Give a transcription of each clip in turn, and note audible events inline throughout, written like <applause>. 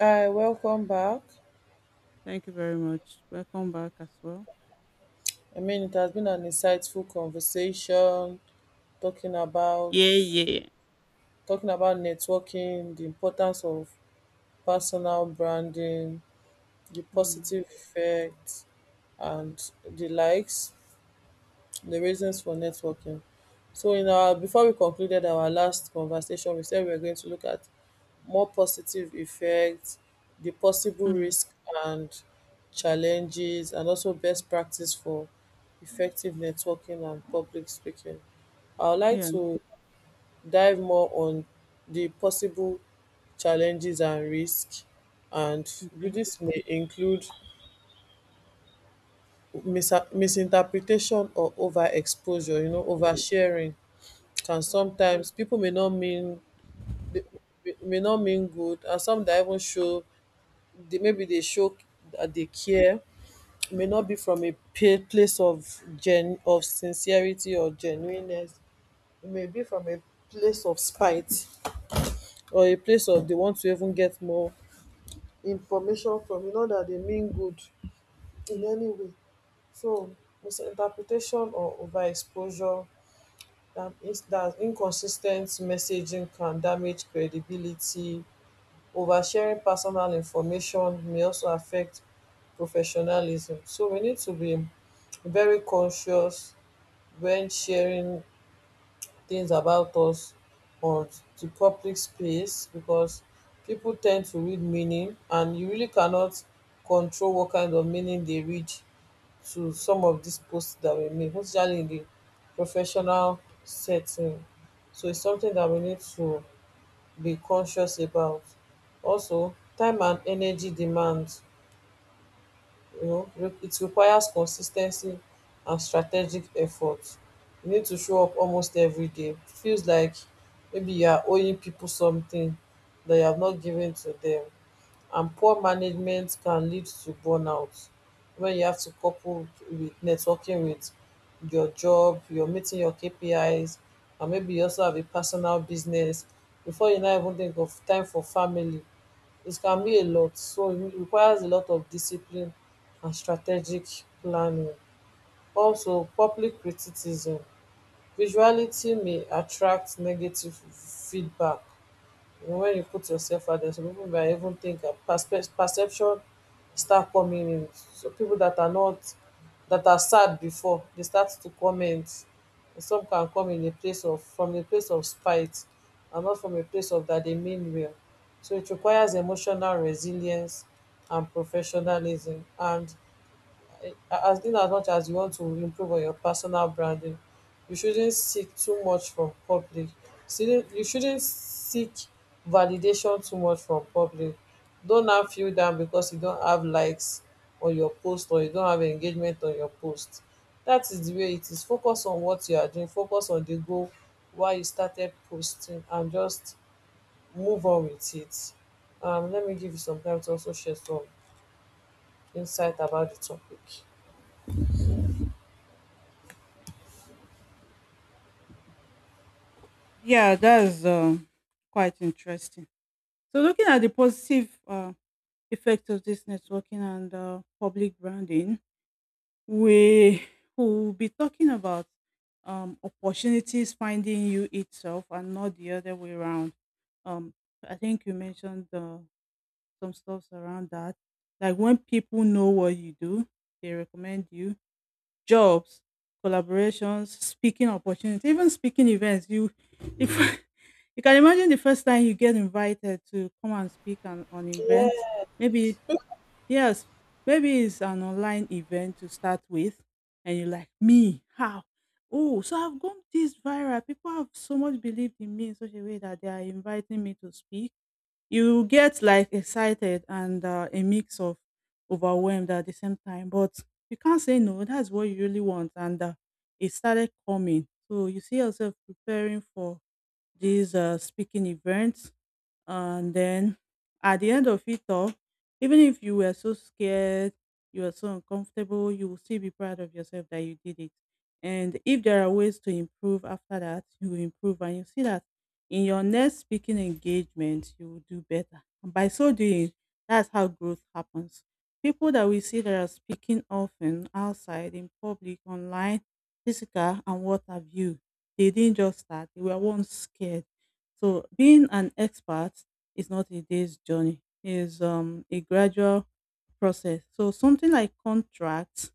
Hi, welcome back. Thank you very much. Welcome back as well. I mean, it has been an insightful conversation talking about Yeah, yeah. talking about networking, the importance of personal branding, the Mm. positive effects, and the likes, the reasons for networking. So, in our before we concluded our last conversation, we said we were going to look at more positive effects, the possible Mm. risk and challenges, and also best practice for effective networking and public speaking. I would like Yeah. to dive more on the possible challenges and risk, and Okay. this may include misinterpretation or overexposure. You know, oversharing can Mm. sometimes people may not mean good, and some that even show they show that they care, it may not be from a place of sincerity or genuineness. It may be from a place of spite or a place of they want to even get more information from, that they mean good in any way. So misinterpretation or overexposure, that inconsistent messaging can damage credibility. Oversharing personal information may also affect professionalism. So we need to be very conscious when sharing things about us on the public space, because people tend to read meaning and you really cannot control what kind of meaning they read to some of these posts that we make, especially in the professional setting. So it's something that we need to be conscious about. Also, time and energy demands, it requires consistency and strategic effort. You need to show up almost every day. It feels like maybe you are owing people something that you have not given to them, and poor management can lead to burnout when you have to couple with networking with your job, you're meeting your KPIs, and maybe you also have a personal business before you now even think of time for family. It can be a lot, so it requires a lot of discipline and strategic planning. Also, public criticism. Visuality may attract negative feedback. You know, when you put yourself out there, some people may even think, perception start coming in. So people that are not, that are sad before, they start to comment. And some can come in a place of, from a place of spite and not from a place of that they mean well. So it requires emotional resilience and professionalism. And as in, as much as you want to improve on your personal branding, you shouldn't seek too much from public. You shouldn't seek validation too much from public. Don't now feel down because you don't have likes on your post or you don't have engagement on your post. That is the way it is. Focus on what you are doing, focus on the goal why you started posting, and just move on with it. Let me give you some time to also share some insight about the topic. Yeah, that's quite interesting. So, looking at the positive effect of this networking and public branding, we <laughs> will be talking about opportunities finding you itself and not the other way around. Um, I think you mentioned some stuff around that, like when people know what you do, they recommend you. Jobs, collaborations, speaking opportunities, even speaking events. You, if <laughs> you can imagine the first time you get invited to come and speak on events, maybe, yes, maybe it's an online event to start with, and you're like, me, how? Oh, so I've gone this viral. People have so much believed in me in such a way that they are inviting me to speak. You get like excited and a mix of overwhelmed at the same time, but you can't say no, that's what you really want. And it started coming, so you see yourself preparing for these speaking events, and then at the end of it all, even if you were so scared, you were so uncomfortable, you will still be proud of yourself that you did it. And if there are ways to improve after that, you will improve, and you see that in your next speaking engagement you will do better. And by so doing, that's how growth happens. People that we see that are speaking often outside, in public, online, physical and what have you, they didn't just start, they were once scared. So being an expert is not a day's journey. It's a gradual process. So something like contracts,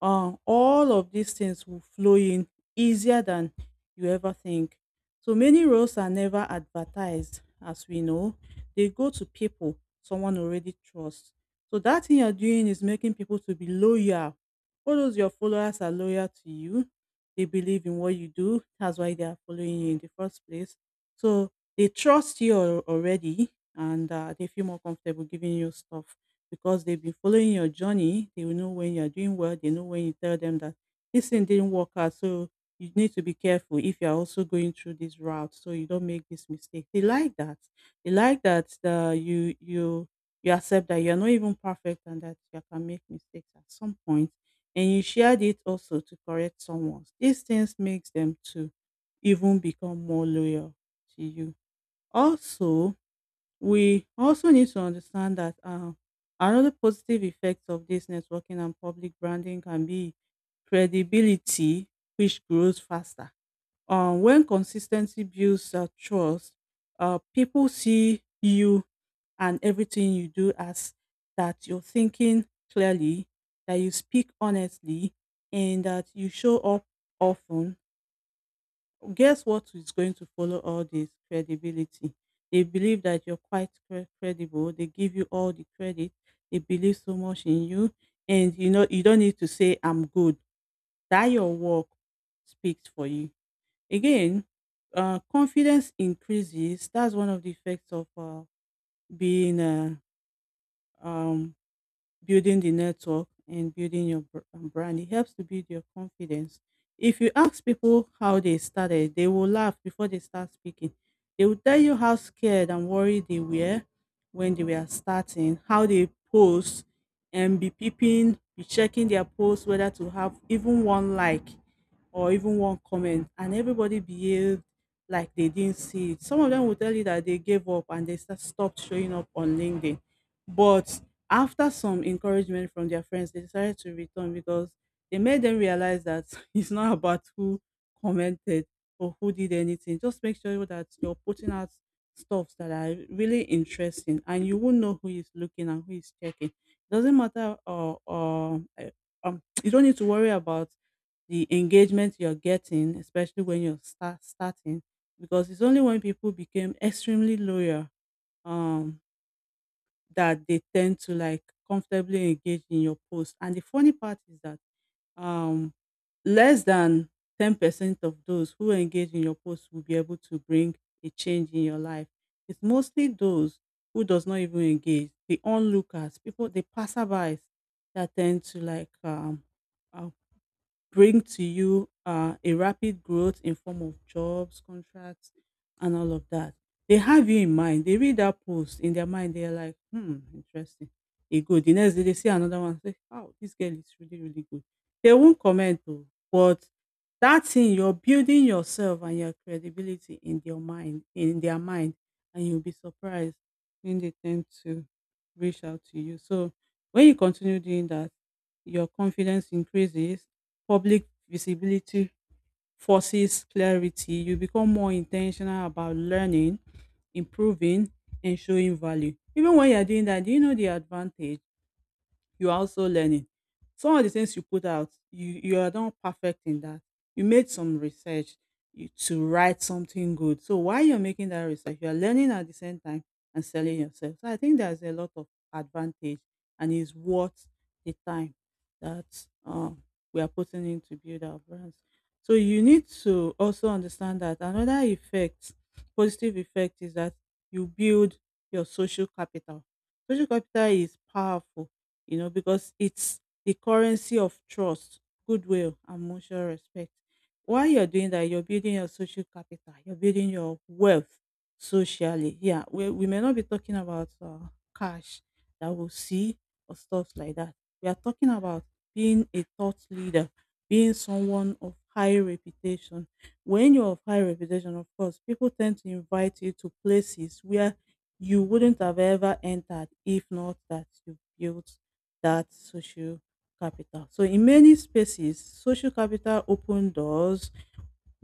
all of these things will flow in easier than you ever think. So many roles are never advertised, as we know. They go to people someone already trusts. So that thing you're doing is making people to be loyal. All those your followers are loyal to you. They believe in what you do. That's why they are following you in the first place. So they trust you already, and they feel more comfortable giving you stuff because they've been following your journey. They will know when you're doing well. They know when you tell them that this thing didn't work out. So you need to be careful if you're also going through this route, so you don't make this mistake. They like that. They like that you accept that you're not even perfect and that you can make mistakes at some point, and you shared it also to correct someone. These things makes them to even become more loyal to you. Also, we also need to understand that another positive effect of this networking and public branding can be credibility, which grows faster. When consistency builds trust, people see you and everything you do as that you're thinking clearly, that you speak honestly, and that you show up often. Guess what is going to follow all this credibility. They believe that you're quite credible. They give you all the credit. They believe so much in you. And you know, you don't need to say I'm good, that your work speaks for you. Again, confidence increases. That's one of the effects of being um, building the network and building your brand. It helps to build your confidence. If you ask people how they started, they will laugh before they start speaking. They will tell you how scared and worried they were when they were starting, how they post and be peeping, be checking their posts whether to have even one like or even one comment. And everybody behaved like they didn't see it. Some of them will tell you that they gave up and they stopped showing up on LinkedIn. But after some encouragement from their friends, they decided to return because they made them realize that <laughs> it's not about who commented or who did anything. Just make sure that you're putting out stuffs that are really interesting and you won't know who is looking and who is checking. It doesn't matter. Or <tsk> You don't need to worry about the engagement you're getting, especially when you're starting, because it's only when people became extremely loyal um that they tend to like comfortably engage in your post. And the funny part is that um, less than 10% of those who engage in your post will be able to bring a change in your life. It's mostly those who does not even engage, the onlookers, people, the passerbys that tend to like uh, bring to you a rapid growth in form of jobs, contracts, and all of that. They have you in mind. They read that post in their mind. They're like, hmm, interesting. It good. The next day they see another one. Say, wow, this girl is really, really good. They won't comment though, but that thing you're building yourself and your credibility in their mind, and you'll be surprised when they tend to reach out to you. So when you continue doing that, your confidence increases. Public visibility forces clarity. You become more intentional about learning, improving, and showing value. Even when you're doing that, do you know the advantage? You are also learning. Some of the things you put out, you are not perfect in that. You made some research, you, to write something good. So while you're making that research, you are learning at the same time and selling yourself. So I think there's a lot of advantage and is worth the time that we are putting in to build our brands. So you need to also understand that another effect, positive effect, is that you build your social capital. Social capital is powerful, you know, because it's the currency of trust, goodwill, and mutual respect. While you're doing that, you're building your social capital, you're building your wealth socially. Yeah, we may not be talking about cash that we'll see or stuff like that. We are talking about being a thought leader, being someone of high reputation. When you're of high reputation, of course, people tend to invite you to places where you wouldn't have ever entered if not that you built that social capital. So in many spaces, social capital open doors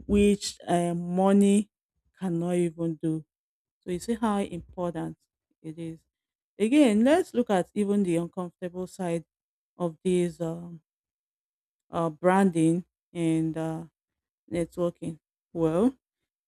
which money cannot even do. So you see how important it is. Again, let's look at even the uncomfortable side of this branding and networking. Well,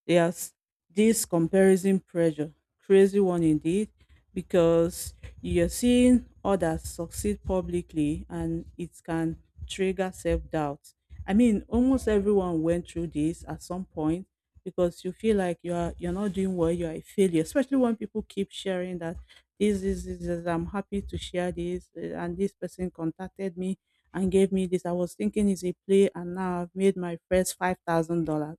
there's this comparison pressure, crazy one indeed, because you're seeing others succeed publicly and it can trigger self doubt. I mean, almost everyone went through this at some point, because you feel like you're not doing well, you are a failure, especially when people keep sharing that this, I'm happy to share this, eh, and this person contacted me and gave me this. I was thinking it's a play and now I've made my first $5,000.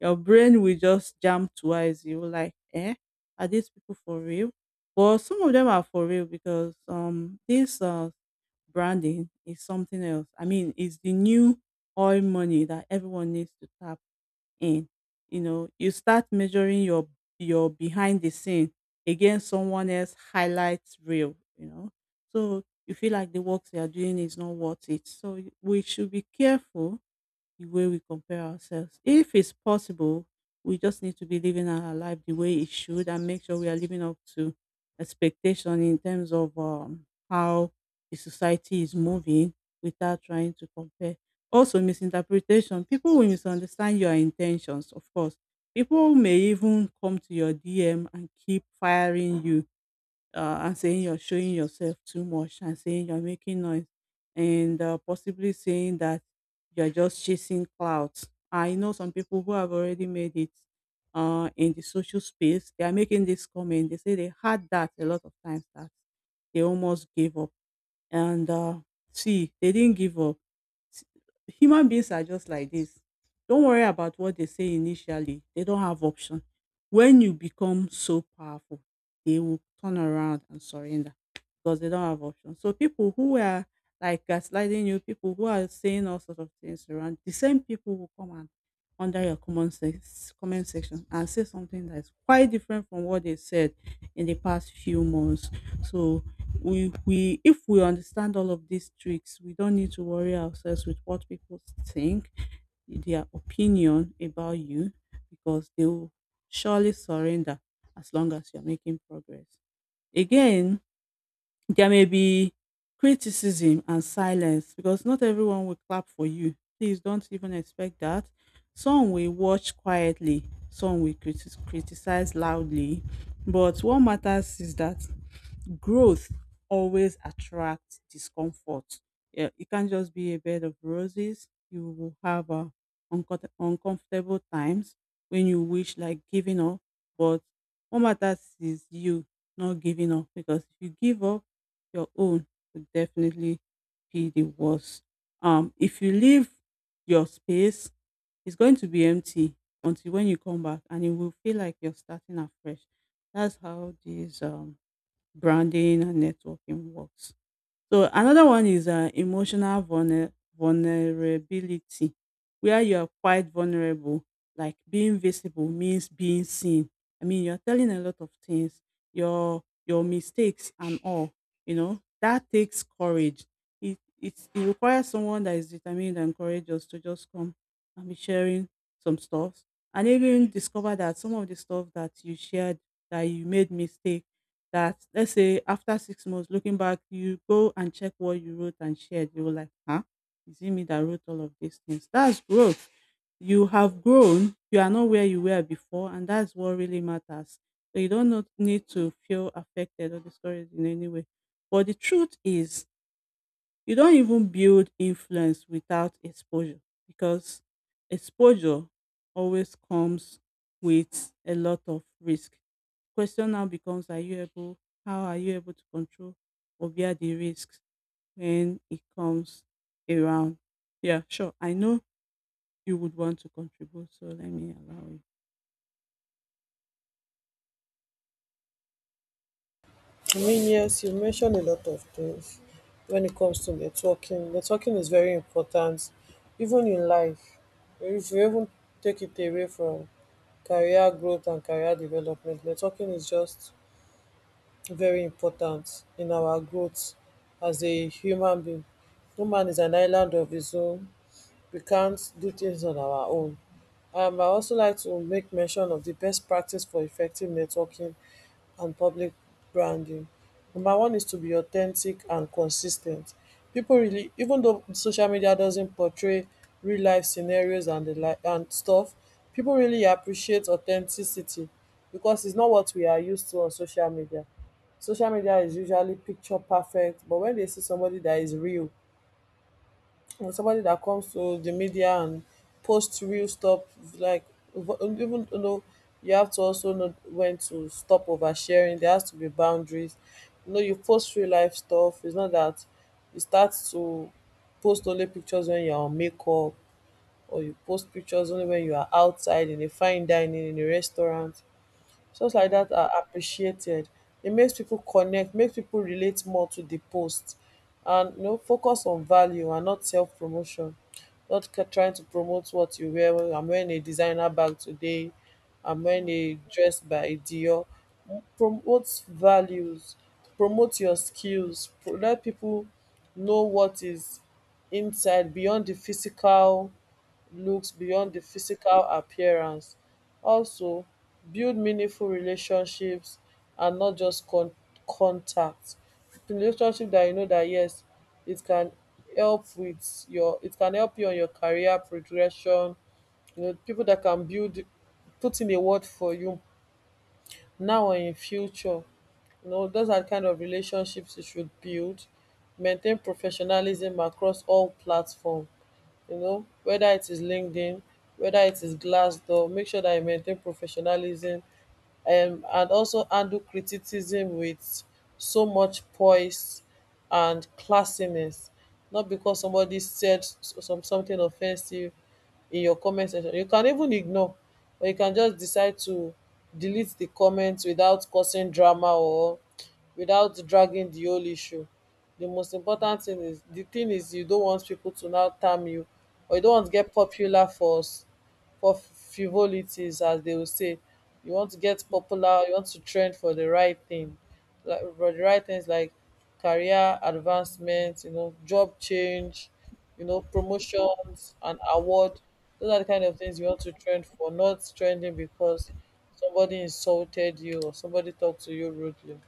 Your brain will just jump twice. You will like, eh, are these people for real? But some of them are for real, because this branding is something else. I mean, it's the new oil money that everyone needs to tap in. You know, you start measuring your behind the scene against someone else highlights reel, you know. So you feel like the work they are doing is not worth it. So we should be careful the way we compare ourselves. If it's possible, we just need to be living our life the way it should, and make sure we are living up to expectation in terms of how the society is moving without trying to compare. Also, misinterpretation. People will misunderstand your intentions, of course. People may even come to your DM and keep firing you and saying you're showing yourself too much, and saying you're making noise, and possibly saying that you're just chasing clout. I know some people who have already made it in the social space. They are making this comment. They say they had that a lot of times, that they almost gave up. And see, they didn't give up. Human beings are just like this. Don't worry about what they say initially. They don't have option. When you become so powerful, they will turn around and surrender because they don't have option. So people who are like gaslighting you, people who are saying all sorts of things around, the same people will come and under your comment, comment section and say something that's quite different from what they said in the past few months. So we if we understand all of these tricks, we don't need to worry ourselves with what people think, their opinion about you, because they will surely surrender as long as you're making progress. Again, there may be criticism and silence because not everyone will clap for you. Please don't even expect that. Some will watch quietly, some will criticize loudly. But what matters is that growth always attracts discomfort. Yeah, it can't just be a bed of roses. You will have uncomfortable times when you wish like giving up. But what matters is you not giving up, because if you give up, your own would definitely be the worst. If you leave your space, it's going to be empty until when you come back, and it will feel like you're starting afresh. That's how these branding and networking works. So another one is emotional vulnerability, where you are quite vulnerable. Like, being visible means being seen. I mean, you're telling a lot of things, your mistakes and all. You know that takes courage. It requires someone that is determined and courageous to just come and be sharing some stuff, and even discover that some of the stuff that you shared, that you made mistakes, that, let's say, after 6 months looking back, you go and check what you wrote and shared, you were like, huh, is it me that wrote all of these things? That's growth. You have grown, you are not where you were before, and that's what really matters. So you don't need to feel affected or discouraged in any way. But the truth is, you don't even build influence without exposure, because exposure always comes with a lot of risk. Question now becomes, are you able, how are you able to control or bear the risks when it comes around? Yeah, sure. I know you would want to contribute, so let me allow you. I mean, yes, you mentioned a lot of things when it comes to networking. Networking is very important, even in life. If you even take it away from career growth and career development, networking is just very important in our growth as a human being. No man is an island of his own. We can't do things on our own. I also like to make mention of the best practice for effective networking and public branding. Number one is to be authentic and consistent. People really, even though social media doesn't portray real life scenarios and the like and stuff, people really appreciate authenticity because it's not what we are used to on social media. Social media is usually picture perfect, but when they see somebody that is real, or somebody that comes to the media and posts real stuff, like, even though you have to also know when to stop oversharing. There has to be boundaries, you know. You post real life stuff. It's not that you start to post only pictures when you're on makeup, or you post pictures only when you are outside in a fine dining in a restaurant. Shows like Mm, that are appreciated. It makes people connect, makes people relate more to the post, and, you know, focus on value and not self promotion. Not ca- Trying to promote what you wear. Well, I'm wearing a designer bag today. I'm wearing mm, a dress by Dior. Promote values. Promote your skills. Let people know what is inside, beyond the physical looks, beyond the mm, physical appearance. Also, build meaningful relationships and not just contacts. Relationship that you know that, yes, it can help with your it can help you on your career progression, you know, people that can build put in a word for you now or in future. You know, those are di kind of relationships you should build. Maintain professionalism across all platforms. You know, whether it is LinkedIn, whether it is Glassdoor, make sure that you maintain professionalism. Um and also handle criticism with so much poise and classiness. Not because somebody said some something offensive in your comment section, you can even ignore, or you can just decide to delete the comment without causing drama or without dragging the whole issue. The most important thing is, you don't want people to now term you, or you don't want to get popular for frivolities, as they will say. You want to get mm. popular, you want to trend for the right thing, like for the right things, like career advancement, you know, job change, you know, promotions and award. Those are the kind of things you want to trend for, not trending because somebody insulted you or somebody talked to you rudely.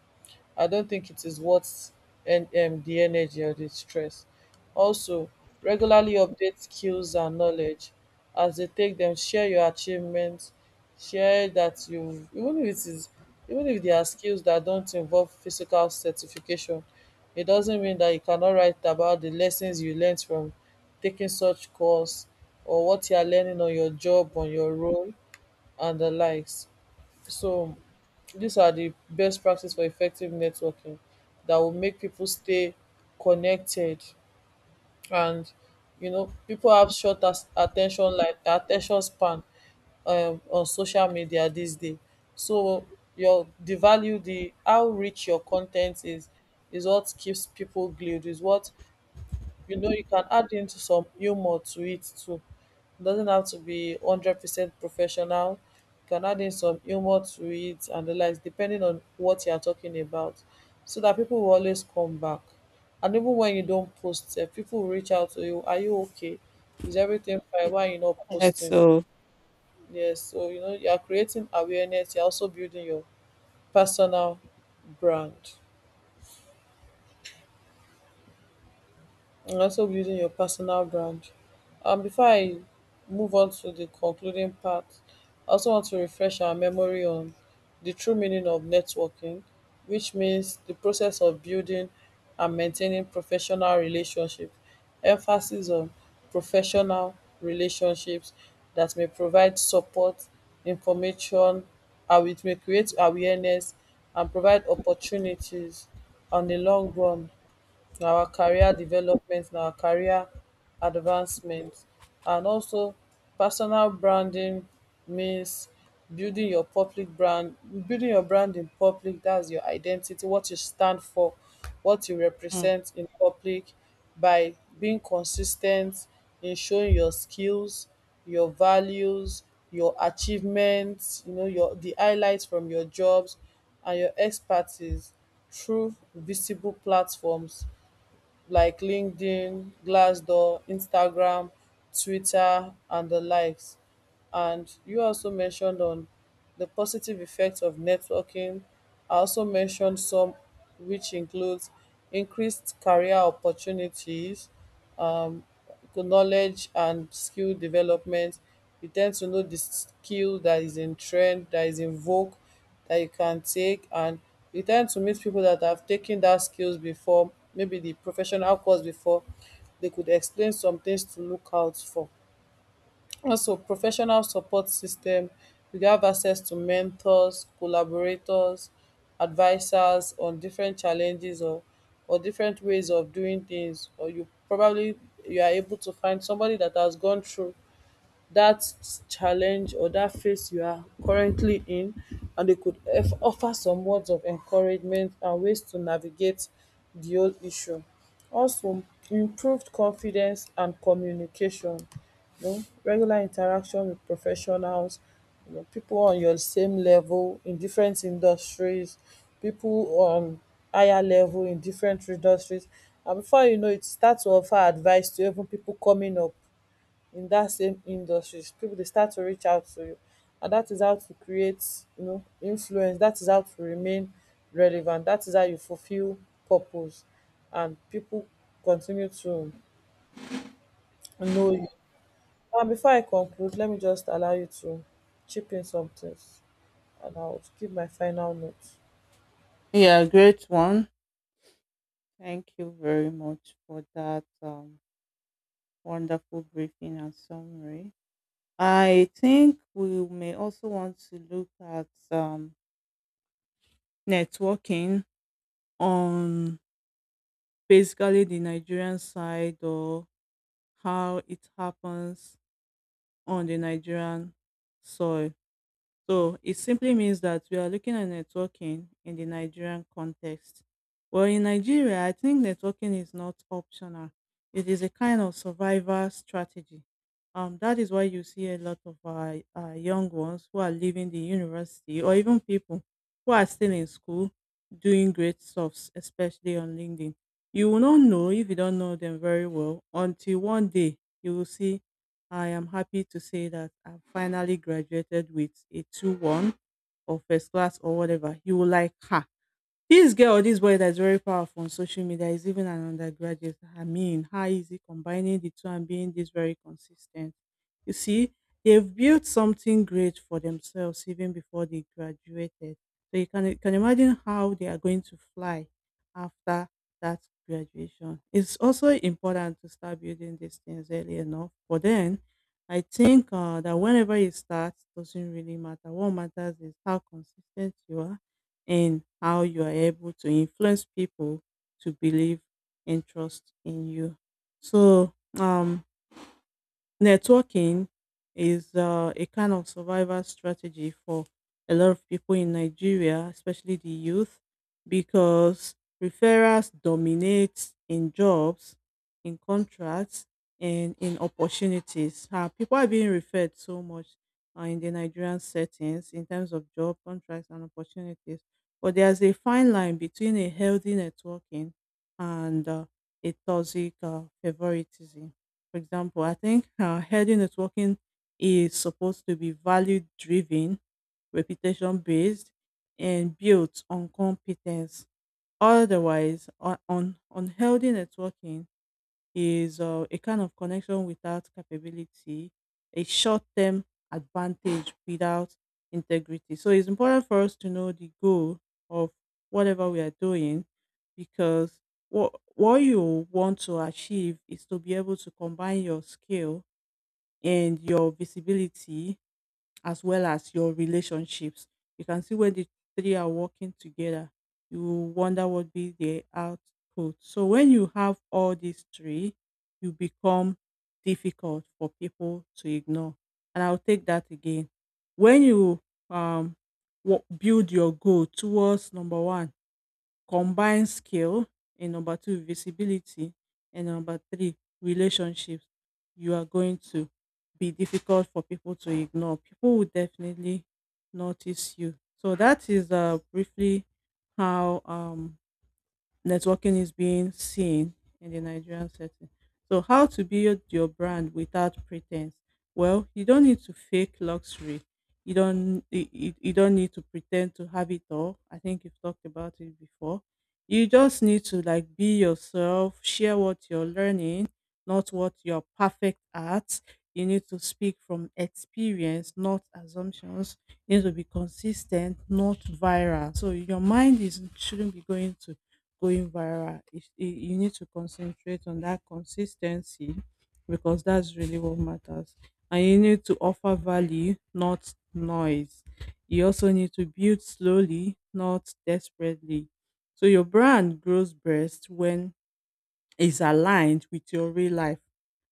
I don't think it is worth and the energy or the stress. Also, regularly update skills and knowledge as they take them. Share your achievements. Share that, you, even if it is, even if there are skills that don't involve physical certification, it doesn't mean that you cannot write about the lessons you learned from taking such course or what you are learning on your job, on your role, and the likes. So these are the best practice for effective networking that will make people stay connected. And you know, people have short attention span on social media these days. So your the value, the how rich your content is what keeps people glued, is what, you know, you can add into some humor to it too. It doesn't have to be 100% professional. You can add in some humor to it and the likes, depending on what you are talking about, so that people will always come back. And even when you don't post sef, people will reach out to you: are you okay, is everything fine, why are you not Yeah, posting? so Yes, so you know, you are creating awareness, you are also building your personal brand, and also building your personal brand. Before I move on to the concluding part, I also want to refresh our memory on the true meaning of networking, which means the process of building and maintaining professional relationships, emphasis on professional relationships that may provide support, information, and it may create awareness and provide opportunities on the long run, na our career development, na our career advancement. And also, personal branding means building your public brand, building your brand in public. That's your identity, what you stand for, what you mm, represent in public, by being consistent in showing your skills, your values, your achievements, you know, your the highlights from your jobs and your expertise through visible platforms like LinkedIn, Glassdoor, Instagram, Twitter, and the likes. And you also mentioned on the positive effects of networking. I also mentioned some, which includes increased career opportunities, Um knowledge and skill development. You tend to know the skill that is in trend, that is in vogue, that you can take, and you tend to meet people that have taken that skills before, maybe the professional course before. They could explain some things to look out for. Also, professional support system. You have access to mentors, collaborators, advisors on different challenges, or different ways of doing things, or you probably, you are able to find somebody that has gone through that challenge or that phase you are currently in, and they could offer some words of encouragement and ways to navigate the whole issue. Also, improved confidence and communication. You know, regular interaction with professionals, you know, people on your same level in different industries, people on higher level in different industries, and before you know it, start to offer advice to even people coming up in that same industry, people, they start to reach out to you. And that is how to create, you know, influence. That is how to remain relevant. That is how you fulfill purpose, and people continue to know you. And before I conclude, let me just allow you to chip in some things, and I'll give my final note. yeah, great one. Thank you very much for that. Wonderful briefing and summary. I think we may also want to look at networking on basically the Nigerian side, or how it happens on the Nigerian soil. So it simply means that we are looking at networking in the Nigerian context. Well, in Nigeria, I think networking is not optional. It is a kind of survival strategy. That is why you see a lot of our young ones who are leaving the university, or even people who are still in school, doing great stuffs, especially on LinkedIn. You will not know, if you don't know them very well, until one day you will see, I am happy to say that I've finally graduated with a 2:1, or first class, or whatever. You will, like, ha, this girl, this boy that's very powerful on social media is even an undergraduate. I mean, how is he combining the two and being this very consistent? You see, they've built something great for themselves even before they graduated. So you can, imagine how they are going to fly after that graduation. It's also important to start building these things early enough. But then I think that whenever you start, doesn't really matter. What matters is how consistent you are, and how you are able to influence people to believe and trust in you. So, networking is a kind of survival strategy for a lot of people in Nigeria, especially the youth, because referrals dominate in jobs, in contracts, and in opportunities. People are being referred so much in the Nigerian settings, in terms of job contracts and opportunities. But there's a fine line between a healthy networking and a toxic favoritism. For example, I think healthy networking is supposed to be value driven, reputation based, and built on competence. Otherwise, on unhealthy networking is a kind of connection without capability, a short term advantage without integrity. So it's important for us to know the goal of whatever we are doing, because what you want to achieve is to be able to combine your skill and your visibility, as well as your relationships. You can see, when the three are working together, you will wonder what be the output. So when you have all these three, you become difficult for people to ignore. And I'll take that again. When you um build your goal towards number one, combine skill, and number two, visibility, and number three, relationships, you are going to be difficult for people to ignore. People will definitely notice you. So that is briefly how networking is being seen in the Nigerian setting. So, how to build your brand without pretense? Well, you don't need to fake luxury. You don't need to pretend to have it all. I think you've talked about it before. You just need to, like, be yourself, share what you're learning, not what you're perfect at. You need to speak from experience, not assumptions. You need to be consistent, not viral. So your mind is shouldn't be going viral. You need to concentrate on that consistency, because that's really what matters. And you need to offer value, not noise. You also need to build slowly, not desperately. So your brand grows best when is aligned with your real life.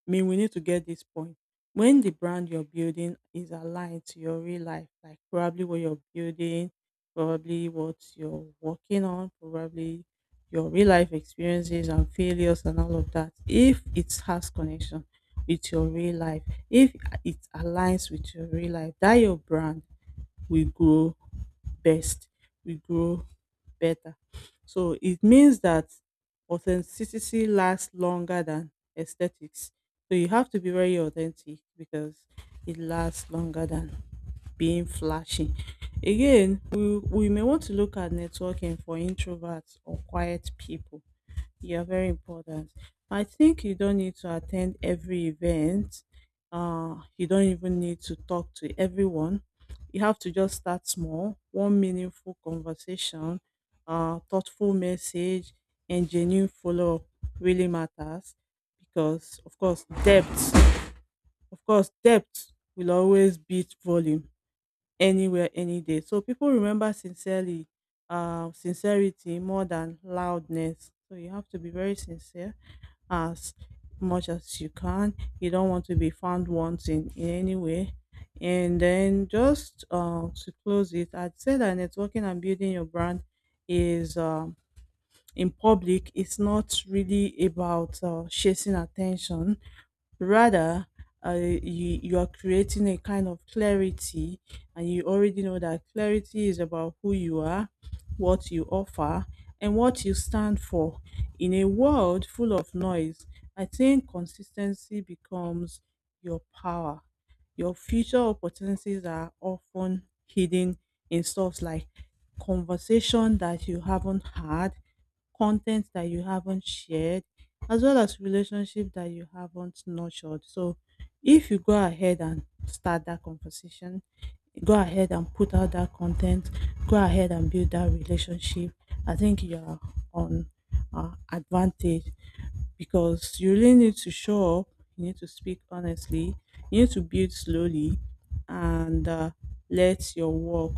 I mean, we need to get this point. When the brand you're building is aligned to your real life, like, probably what you're building, probably what you're working on, probably your real life experiences and failures and all of that, if it has connection with your real life, if it aligns with your real life, that your brand will grow best, will grow better. So it means that authenticity lasts longer than aesthetics. So you have to be very authentic, because it lasts longer than being flashy. Again, we may want to look at networking for introverts or quiet people. Yeah, very important. I think you don't need to attend every event. You don't even need to talk to everyone. You have to just start small. One meaningful conversation, thoughtful message, and genuine follow up really matters, because, of course, depth will always beat volume anywhere, any day. So people remember sincerity more than loudness. So you have to be very sincere as much as you can. You don't want to be found wanting in any way. And then, just to close it, I'd say that networking and building your brand is, in public, it's not really about chasing attention, rather, you are creating a kind of clarity. And you already know that clarity is about who you are, what you offer, and what you stand for. In a world full of noise, I think consistency becomes your power. Your future opportunities are often hidden in stuff like conversation that you haven't had, content that you haven't shared, as well as relationship that you haven't nurtured. So if you go ahead and start that conversation, go ahead and put out that content, go ahead and build that relationship, I think you're on advantage. Because you really need to show up, you need to speak honestly, you need to build slowly, and let your work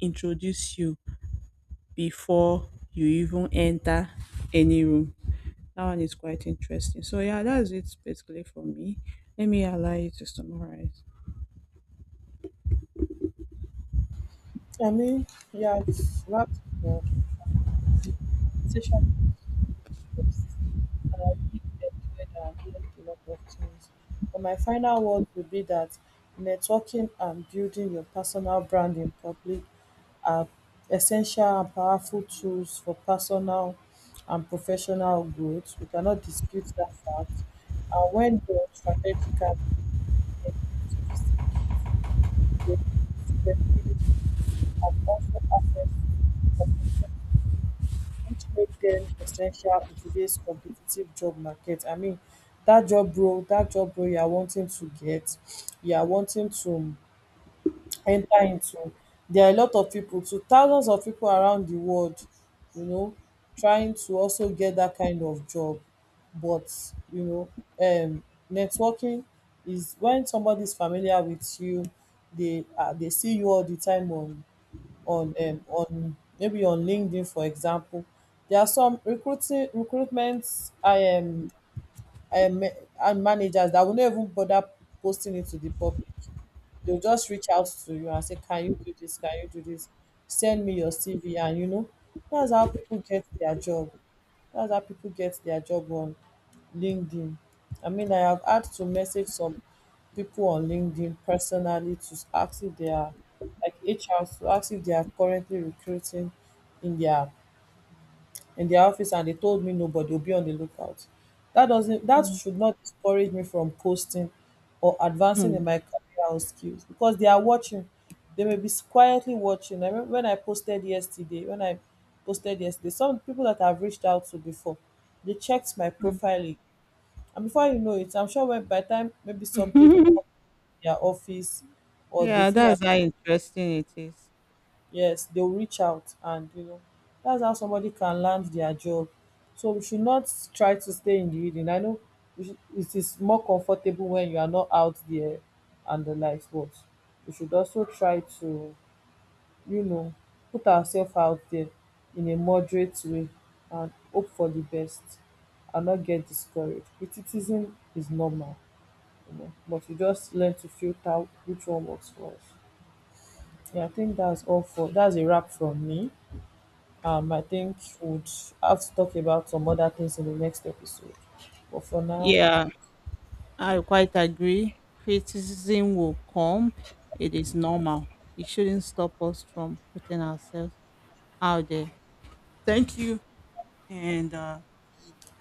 introduce you before you even enter any room. That one is quite interesting. So yeah, that's it basically for me. Let me allow you to summarize. I mean, yeah, it's wrapped up conversation, enjoyed and learned a lot of things. But my final word would be that networking and building your personal brand in public are essential and powerful tools for personal and professional growth. We cannot dispute that fact. And when done strategically, they increase visibility, credibility, and also access to, which make them essential in today's competitive job market. I mean, that job role you are wanting to get, you are wanting to enter into. There are a lot of people, to thousands of people around the world, you know, trying to also get that kind of job. But you know, um, networking is when somebody is familiar with you, they see you all the time on, on maybe on LinkedIn, for example. There are some recruiting recruitment I um and managers that will not even bother posting it to the public. They'll just reach out to you and say, can you do this? Can you do this? Send me your CV, and you know, that's how people get their job. That's how people get their job on LinkedIn. I mean, I have had to message some people on LinkedIn personally to ask if they are like HR, to ask if they are currently recruiting in their, in their office, and they told me nobody will be on the lookout, that doesn't, that Mm, should not discourage me from posting or advancing in mm, my career or skills, because they are watching. They may be quietly watching. I remember when I posted yesterday, some people that I've reached out to before, they checked my mm. profile. And before you know it, I'm sure when, by the time maybe something comes <laughs> to their office or they Yeah, feel like, that's how interesting it is. yes, they'll reach out, and you know, that's how somebody can land their job. So we should not try to stay in the reading. I know we it is more comfortable when you are not out there and the likes, but we should also try to, you know, put ourselves out there in a moderate way and hope for the best, and not get discouraged. Criticism is normal, but you just learn to filter which one works for us. Yeah, I think that's all for, that's a wrap from me. I think we'd have to talk about some other things in the next episode. But for now, Yeah, I quite agree. Criticism will come. It is normal. It shouldn't stop us from putting ourselves out there. Thank you. And see you.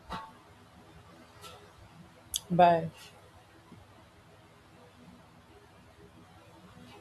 bye.